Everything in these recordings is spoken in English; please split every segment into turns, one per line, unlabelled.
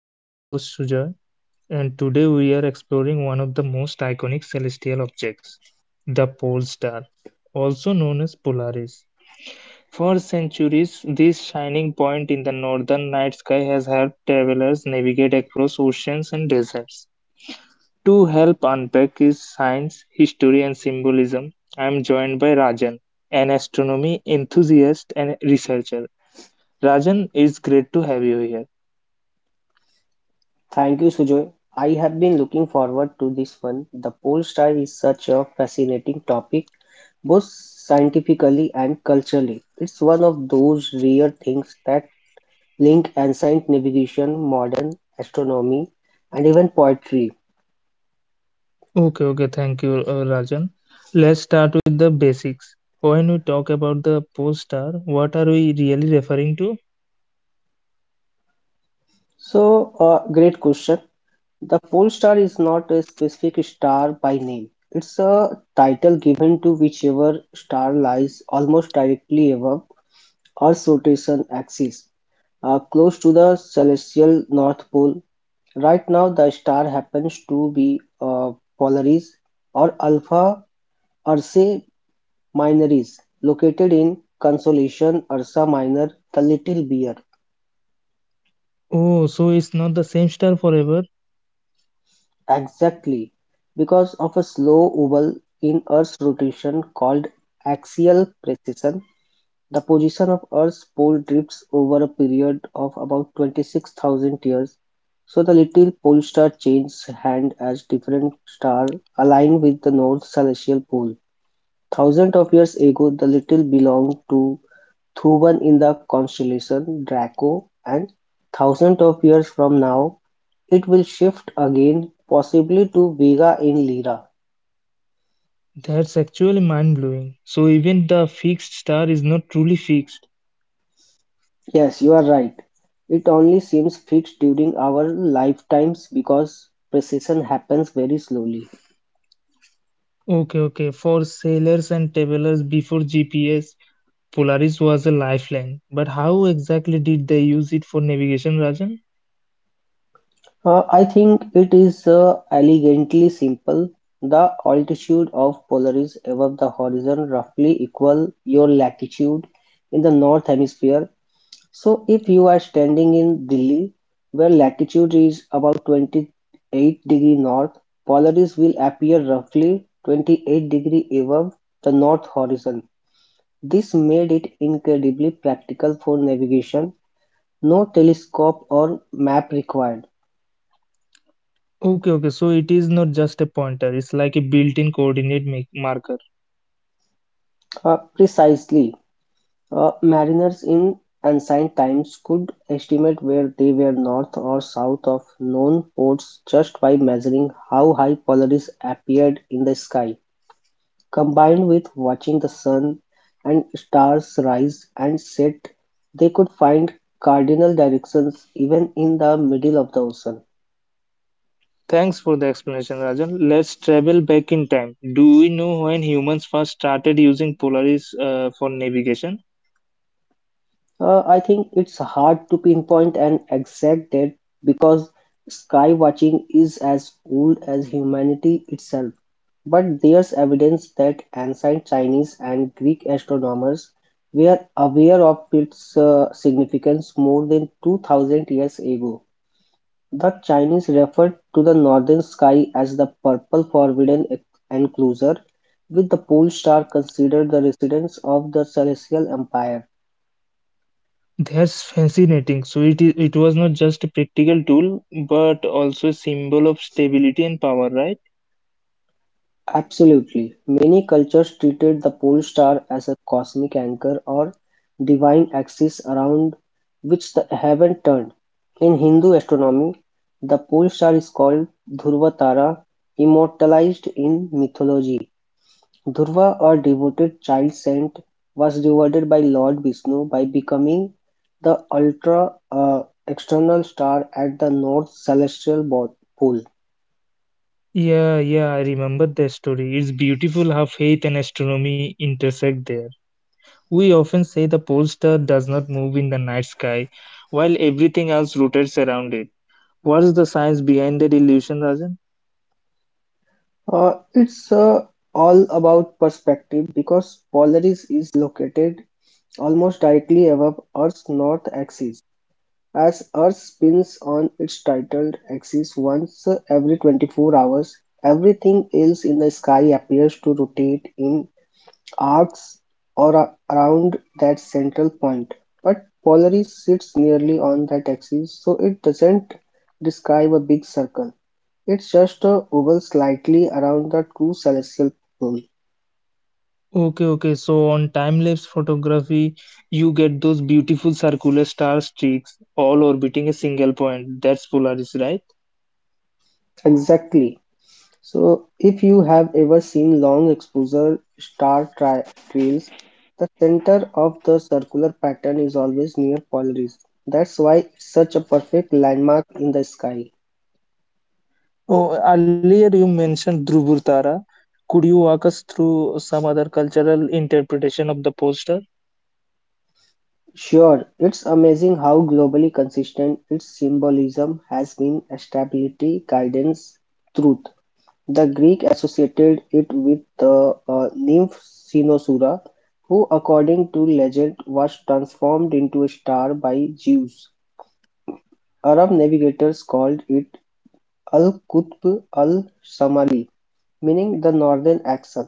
I am your host Sujoy and today we are exploring one of the most iconic celestial objects, the pole star, also known as Polaris. For centuries, this shining point in the northern night sky has helped travelers navigate across oceans and deserts. To help unpack its science, history and symbolism, I am joined by Rajan, an astronomy enthusiast and researcher. Rajan, it's great to have you here.
thank you, Sujoy. I have been looking forward to this one. The pole star is such a fascinating topic, both scientifically and culturally. It's one of those rare things that link ancient navigation, modern astronomy, and even poetry.
Okay, okay, thank you, Rajan. Let's start with the basics. When we talk about the post star, what are we really referring to?
So, Great question. The pole star is not a specific star by name. It's a title given to whichever star lies almost directly above Earth's rotation axis are close to the celestial north pole. Right now, the star happens to be Polaris or Alpha Ursae Minoris, located in constellation Ursa Minor, the Little Bear.
Oh, so it's not the same star forever.
Exactly, because of a slow oval in Earth's rotation called axial precession, the position of Earth's pole drifts over a period of about 26,000 years, so the Little Pole Star changes hand as different stars align with the north celestial pole. Thousands of years ago, the Little belonged to Thuban in the constellation Draco, and thousands of years from now, it will shift again, possibly to Vega in Lyra.
That's actually mind blowing. So even the fixed star is not truly fixed.
Yes, you are right. It only seems fixed during our lifetimes because precision happens very slowly.
Okay, okay. For sailors and travelers before GPS, Polaris was a lifeline. But how exactly did they use it for navigation, Rajan?
I think it is elegantly simple. The altitude of Polaris above the horizon roughly equal your latitude in the north hemisphere. So if you are standing in Delhi, where latitude is about 28-degree north, Polaris will appear roughly 28-degree above the north horizon. This made it incredibly practical for navigation; no telescope or map required.
Okay, okay. So it is not just a pointer. It's like a built-in coordinate marker.
Precisely. Mariners in ancient times could estimate where they were north or south of known ports just by measuring how high Polaris appeared in the sky. Combined with watching the sun and stars rise and set, they could find cardinal directions even in the middle of the ocean.
Thanks for the explanation, Rajan. Let's travel back in time. Do we know when humans first started using Polaris for navigation?
I think it's hard to pinpoint an exact date because sky watching is as old as humanity itself. But there's evidence that ancient Chinese and Greek astronomers were aware of its significance more than 2000 years ago. The Chinese referred to the northern sky as the purple enclosure, with the pole star considered the residence of the celestial empire.
That's fascinating. So it was not just a practical tool, but also a symbol of stability and power, right?
Absolutely, many cultures treated the pole star as a cosmic anchor or divine axis around which the heaven turned. In Hindu astronomy, the pole star is called Dhruva Tara, immortalized in mythology. Dhruva, a devoted child saint, was rewarded by Lord Vishnu by becoming the ultra external star at the north pole.
Yeah, yeah, I remember that story. It's beautiful how faith and astronomy intersect there. We often say the pole star does not move in the night sky, while everything else rotates around it. What is the science behind that illusion, Rajan?
It's all about perspective because Polaris is located almost directly above Earth's north axis. As Earth spins on its tidal axis once every 24 hours, everything else in the sky appears to rotate in arcs or around that central point. But Polaris sits nearly on that axis, so it doesn't describe a big circle. It's just a oval slightly around the true celestial pole.
Okay, okay. So on time-lapse photography, you get those beautiful circular star streaks all orbiting a single point. That's Polaris, right?
Exactly. So, if you have ever seen long exposure star tri trails, the center of the circular pattern is always near Polaris. That's why it's such a perfect landmark in the sky.
Oh, earlier you mentioned Dhruvatara. Could you walk us through some other cultural interpretation of the poster?
Sure, it's amazing how globally consistent its symbolism has been stability, guidance, truth. The Greek associated it with the nymph Cynosura, who according to legend was transformed into a star by Zeus. Arab navigators called it Al-Qutb al-Shamali, meaning the northern axis,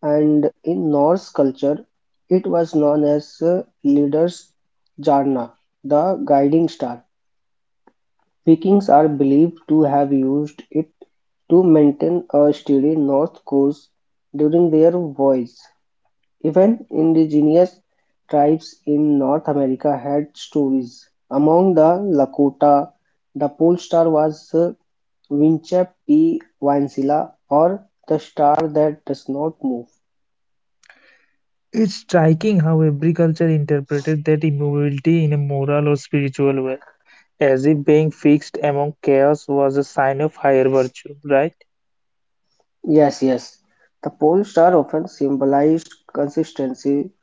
and in Norse culture it was known as Leader's Jana, the guiding star. Vikings are believed to have used it to maintain a steady north course during their voyages; even indigenous tribes in North America had stories. Among the Lakota, the pole star was Winchep P. Wancilla, or "the star that does not move."
It's striking how every culture interpreted that immovability in a moral or spiritual way, as if being fixed among chaos was a sign of higher virtue, right?
Yes, yes. The pole star often symbolized consistency,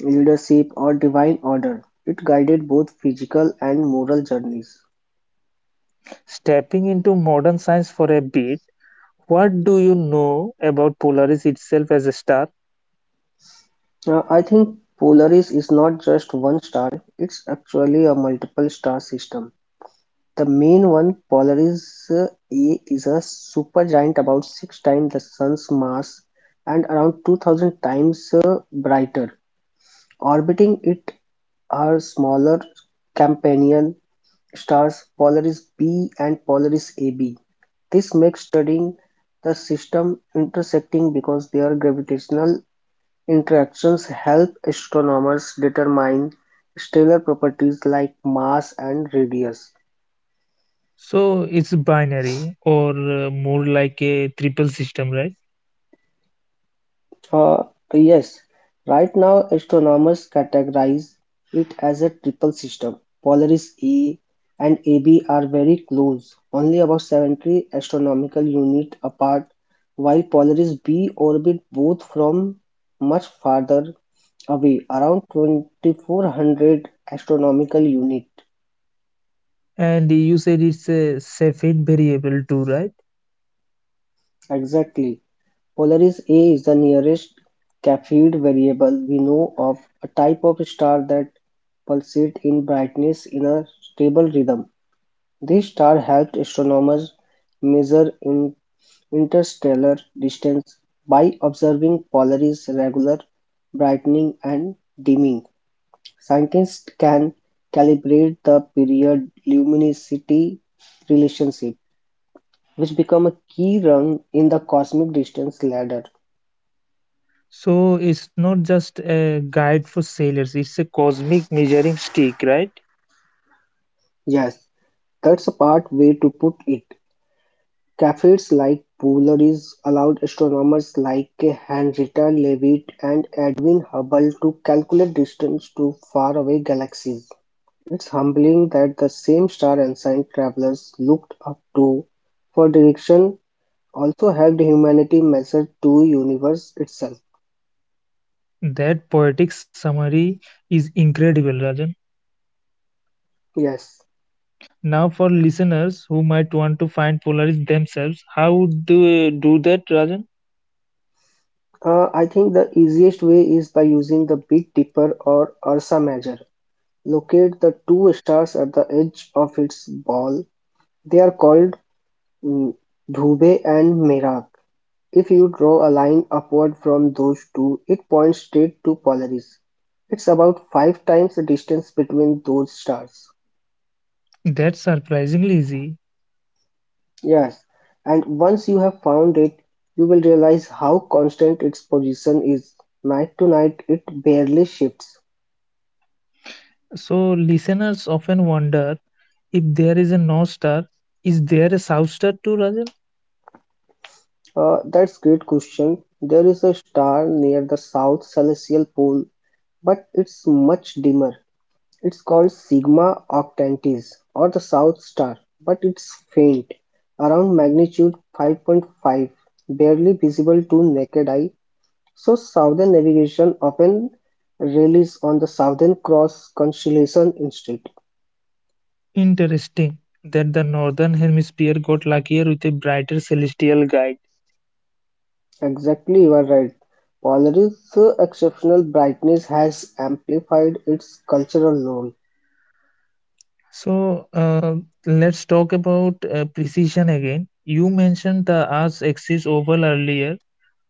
leadership, or divine order. It guided both physical and moral journeys.
Stepping into modern science for a bit, what do you know about Polaris itself as a star?
Now, I think Polaris is not just one star, it's actually a multiple star system. The main one, Polaris A, is a supergiant about six times the Sun's mass and around 2000 times brighter. Orbiting it are smaller companion stars Polaris B and Polaris AB. This makes studying the system intersecting because their gravitational interactions help astronomers determine stellar properties like mass and radius.
So it's binary or more like a triple system, right?
Uh, yes, right now astronomers categorize it as a triple system. Polaris A and AB are very close, only about 70 astronomical unit apart, while Polaris B orbit both from much farther away, around 2400 astronomical unit
And you said it's a Cepheid variable too, right?
exactly. Polaris A is the nearest Cepheid variable we know of, a type of star that pulsate in brightness in a stable rhythm. This star helped astronomers measure in interstellar distance by observing Polaris' regular brightening and dimming. Scientists can calibrate the period luminosity relationship, which become a key rung in the cosmic distance ladder.
So it's not just a guide for sailors, it's a cosmic measuring stick, right?
Yes, that's a part way to put it. Cafirs like Polaris allowed astronomers like Henrietta Leavitt and Edwin Hubble to calculate distance to faraway galaxies. It's humbling that the same star ancient travelers looked up to for direction also helped humanity measure to universe itself.
That poetic summary is incredible, Rajan.
Yes,
Now, for listeners who might want to find Polaris themselves, how would they do that, Rajan?
I think the easiest way is by using the Big Dipper or Ursa Major. Locate the two stars at the edge of its ball, they are called dhruve and merak. If you draw a line upward from those two, it points straight to Polaris. It's about five times the distance between those stars.
That's surprisingly easy.
Yes, and once you have found it, you will realize how constant its position is. Night to night, it barely shifts.
So listeners often wonder if there is a north star, is there a south star too, Rajan?
That's great question. There is a star near the south celestial pole, but it's much dimmer. It's called Sigma Octantis, or the South Star, but it's faint, around magnitude 5.5, barely visible to naked eye. So Southern Navigation often relies on the Southern Cross constellation instead.
Interesting that the northern hemisphere got luckier with a brighter celestial guide.
Exactly, you are right. Polaris' exceptional brightness has amplified its cultural role.
So let's talk about precision again. You mentioned the Earth's axis oval earlier.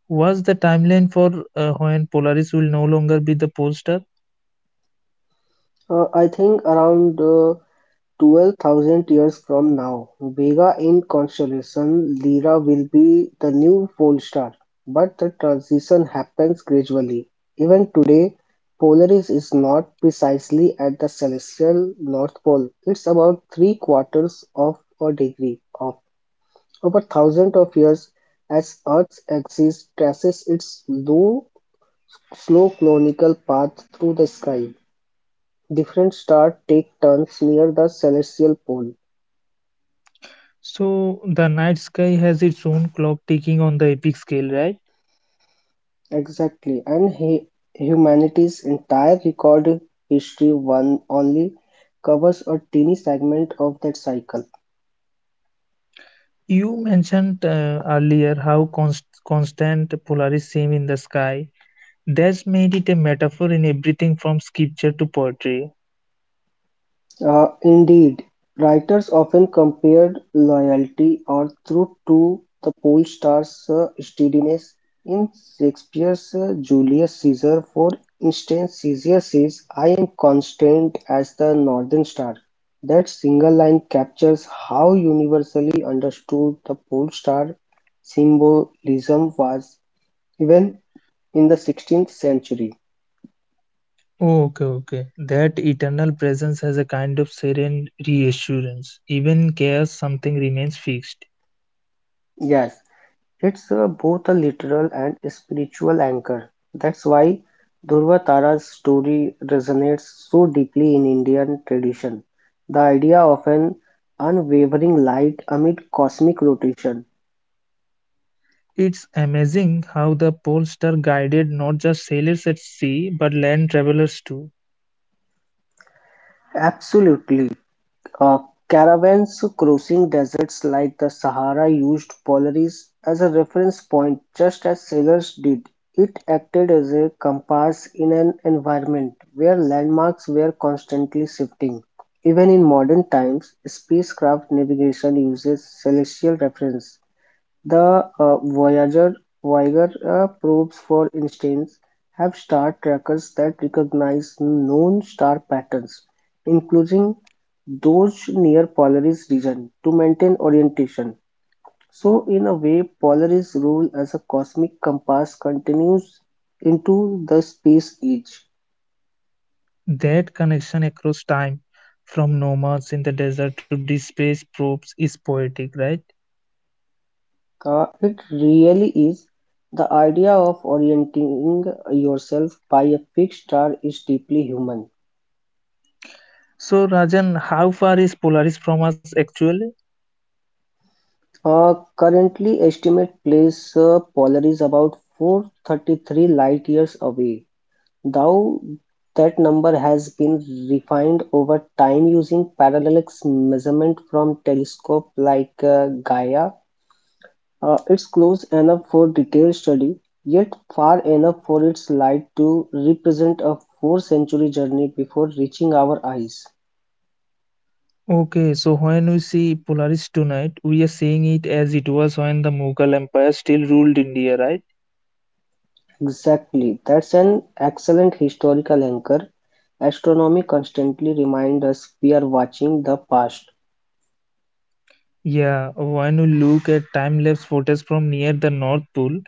Was the timeline for when Polaris will no longer be the pole star?
I think around 12,000 years from now, Vega in constellation Lyra will be the new pole star, but the transition happens gradually. Even today, Polaris is not precisely at the celestial north pole. It's about three-quarters of a degree off. Over thousands of years, as Earth's axis traces its low, slow conical path through the sky, different stars take turns near the celestial pole.
So the night sky has its own clock ticking on the epic scale, right?
Exactly, and humanity's entire recorded history one only covers a teeny segment of that cycle.
You mentioned earlier how constant Polaris seem in the sky. That's made it a metaphor in everything from sculpture to poetry.
Indeed, writers often compared loyalty or truth to the pole star's steadiness. In Shakespeare's Julius Caesar, for instance, Caesar says, I am constant as the northern star. That single line captures how universally understood the pole star symbolism was, even in the 16th century.
Okay, okay. That eternal presence has a kind of serene reassurance. Even in chaos, something remains fixed.
Yes, it's both a literal and spiritual anchor. That's why Durvatara's story resonates so deeply in Indian tradition. The idea of an unwavering light amid cosmic rotation.
It's amazing how the pole star guided not just sailors at sea, but land travelers too.
Absolutely. Uh, Caravans crossing deserts like the Sahara used Polaris as a reference point just as sailors did. It acted as a compass in an environment where landmarks were constantly shifting. Even in modern times, spacecraft navigation uses celestial reference. The Voyager probes, for instance, have star trackers that recognize known star patterns, including those near Polaris region, to maintain orientation. So, in a way, Polaris' role as a cosmic compass continues into the space age.
That connection across time, from nomads in the desert to displaced probes, is poetic, right?
It really is. The idea of orienting yourself by a fixed star is deeply human.
So, Rajan, how far is Polaris from us actually?
Currently estimate place Polaris about 433 light years away, though that number has been refined over time using parallax measurement from telescope like Gaia. It's close enough for detailed study, yet far enough for its light to represent a four century journey before reaching our eyes.
Okay, so when we see Polaris tonight, we are seeing it as it was when the Mughal Empire still ruled India, right?
Exactly. That's an excellent historical anchor. Astronomy constantly reminds us we are watching the past.
Yeah, when you look at time lapse photos from near the North Pole,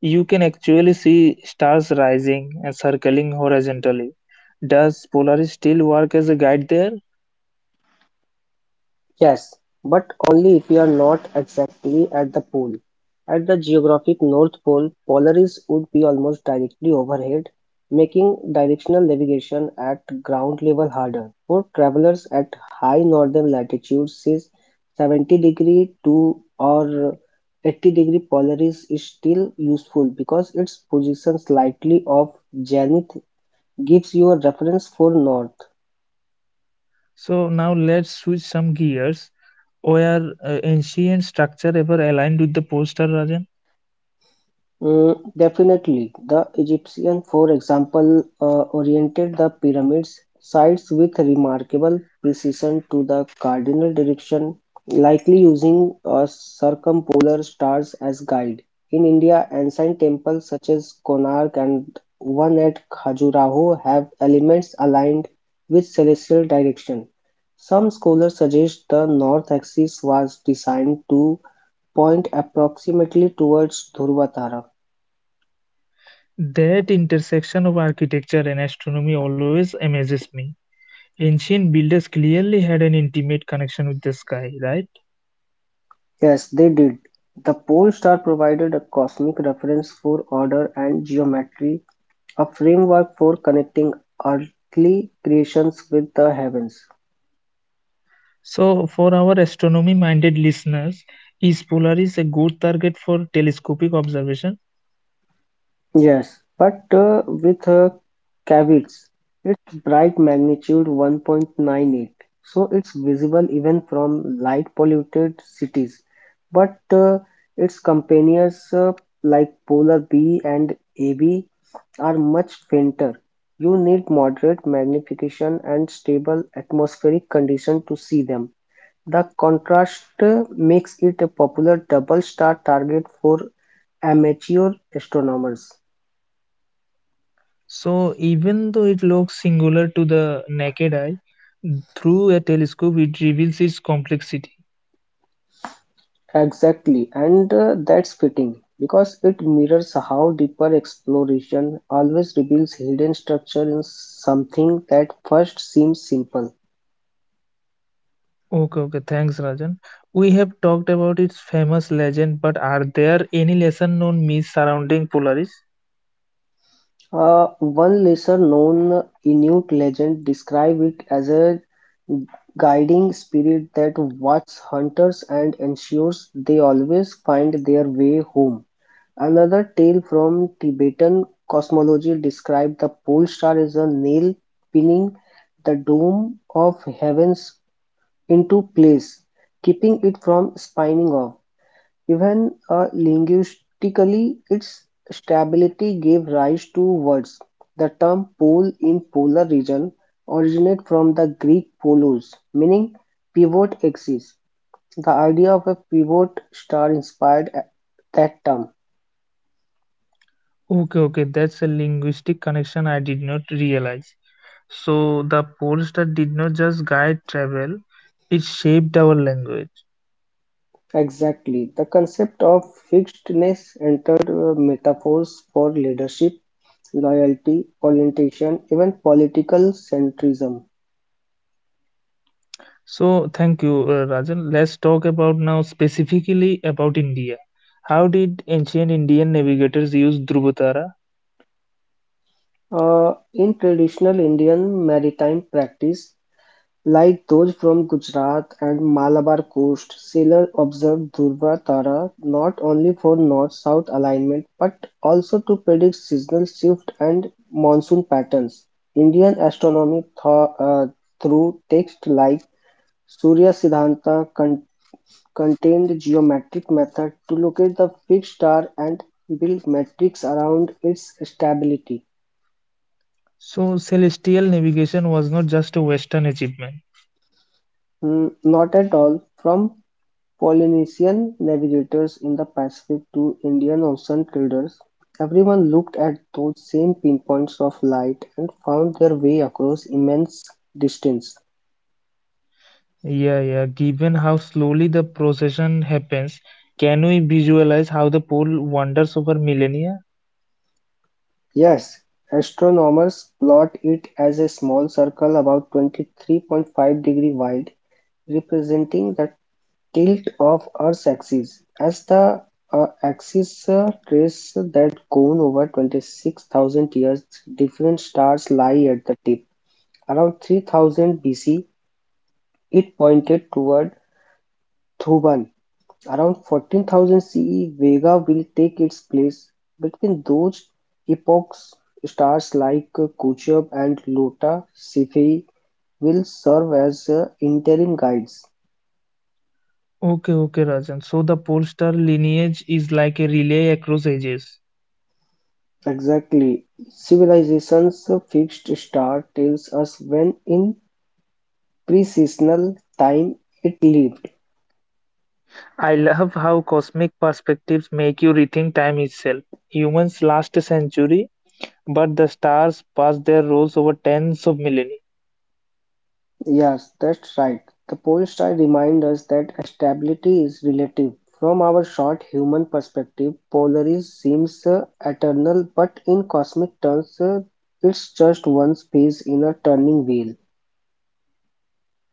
you can actually see stars rising and circling horizontally. Does Polaris still work as a guide there?
Yes, but only if you are not exactly at the pole. At the geographic North Pole, Polaris would be almost directly overhead, making directional navigation at ground level harder. For travelers at high northern latitudes, says 70 degree to or 80-degree Polaris is still useful because its position slightly off zenith gives you a reference for north.
So now let's switch some gears. Were ancient structure ever aligned with the poster, Rajan?
Mm, definitely. The Egyptian, for example, oriented the pyramids sites with remarkable precision to the cardinal direction, likely using circumpolar stars as guide. In India, ancient temples such as Konark and one at Khajuraho have elements aligned with celestial direction. Some scholars suggest the north axis was designed to point approximately towards Dhruva Tara.
That intersection of architecture and astronomy always amazes me. Ancient builders clearly had an intimate connection with the sky, right?
Yes, they did. The pole star provided a cosmic reference for order and geometry, a framework for connecting earthly creations with the heavens.
So, for our astronomy minded listeners, is Polaris a good target for telescopic observation?
Yes, but with caveats, its bright magnitude 1.98, so it's visible even from light polluted cities. But its companions like polar bee and AB are much fainter. You need moderate magnification and stable atmospheric condition to see them. The contrast makes it a popular double star target for amateur astronomers.
So, even though it looks singular to the naked eye, through a telescope it reveals its complexity.
Exactly, and that's fitting because it mirrors how deeper exploration always reveals hidden structure in something that first seems simple.
Okay, okay, thanks, Rajan. We have talked about its famous legend, but are there any lesser known myths surrounding Polaris?
One lesser-known Inuit legend describes it as a guiding spirit that watches hunters and ensures they always find their way home. Another tale from Tibetan cosmology describes the pole star as a nail pinning the dome of heavens into place, keeping it from spinning off. Even linguistically, its stability gave rise to words; the term "pole" in polar region originated from the Greek "polos", meaning "pivot axis". The idea of a pivot star inspired that term.
Okay, okay, that's a linguistic connection I did not realize. So the Polestar did not just guide travel, it shaped our language.
Exactly. The concept of fixedness entered metaphors for leadership, loyalty, orientation, even political centrism.
So thank you, Rajan. Let's talk about now specifically about India. How did ancient Indian navigators use Dhruvatara?
In traditional Indian maritime practice, like those from Gujarat and Malabar coast, sailors observe Dhruva Tara not only for north-south alignment but also to predict seasonal shift and monsoon patterns. Indian astronomy through texts like Surya Siddhanta contained geometric method to locate the fixed star and build metrics around its stability.
So celestial navigation was not just a Western achievement.
Mm, not at all, from Polynesian navigators in the Pacific to Indian Ocean traders, everyone looked at those same pinpoints of light and found their way across immense distance.
Yeah, yeah. Given how slowly the procession happens, can we visualize how the pole wanders over millennia?
Yes, astronomers plot it as a small circle about 23.5-degree wide, representing the tilt of Earth's axis, as the axis traces that cone over 26,000 years, different stars lie at the tip. Around 3000 BC, it pointed toward Thuban. Around 14,000 CE, Vega will take its place. Between those epochs, stars like Kuchab and Lota Cephei will serve as interim guides.
Okay, okay, Rajan. So the pole star lineage is like a relay across ages.
Exactly. Civilization's fixed star tells us when in pre-seasonal time it lived.
I love how cosmic perspectives make you rethink time itself. Humans last a century, but the stars pass their roles over tens of millennia.
Yes, that's right. The pole star reminds us that stability is relative. From our short human perspective, Polaris seems eternal, but in cosmic terms, it's just one space in a turning wheel.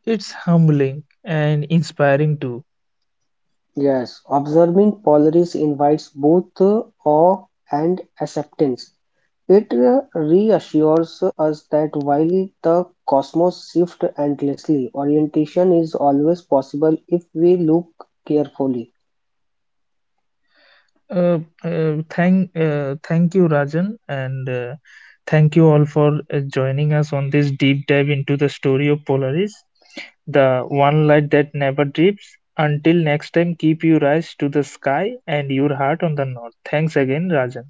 It's humbling and inspiring too.
Yes, observing Polaris invites both awe and acceptance. It reassures us that while the cosmos shifts endlessly, orientation is always possible if we look carefully.
Thank you, Rajan, and thank you all for joining us on this deep dive into the story of Polaris. The one light that never dips. Until next time, keep your eyes to the sky and your heart on the north. Thanks again, Rajan.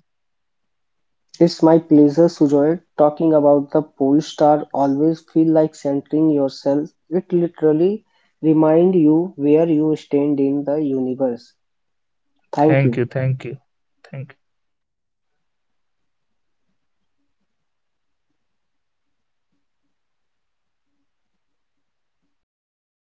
It's my pleasure, Sujoy, talking about the pole star. Always feel like centering yourself. It literally reminds you where you stand in the universe. Thank
Thank
you.
you, thank you, thank you.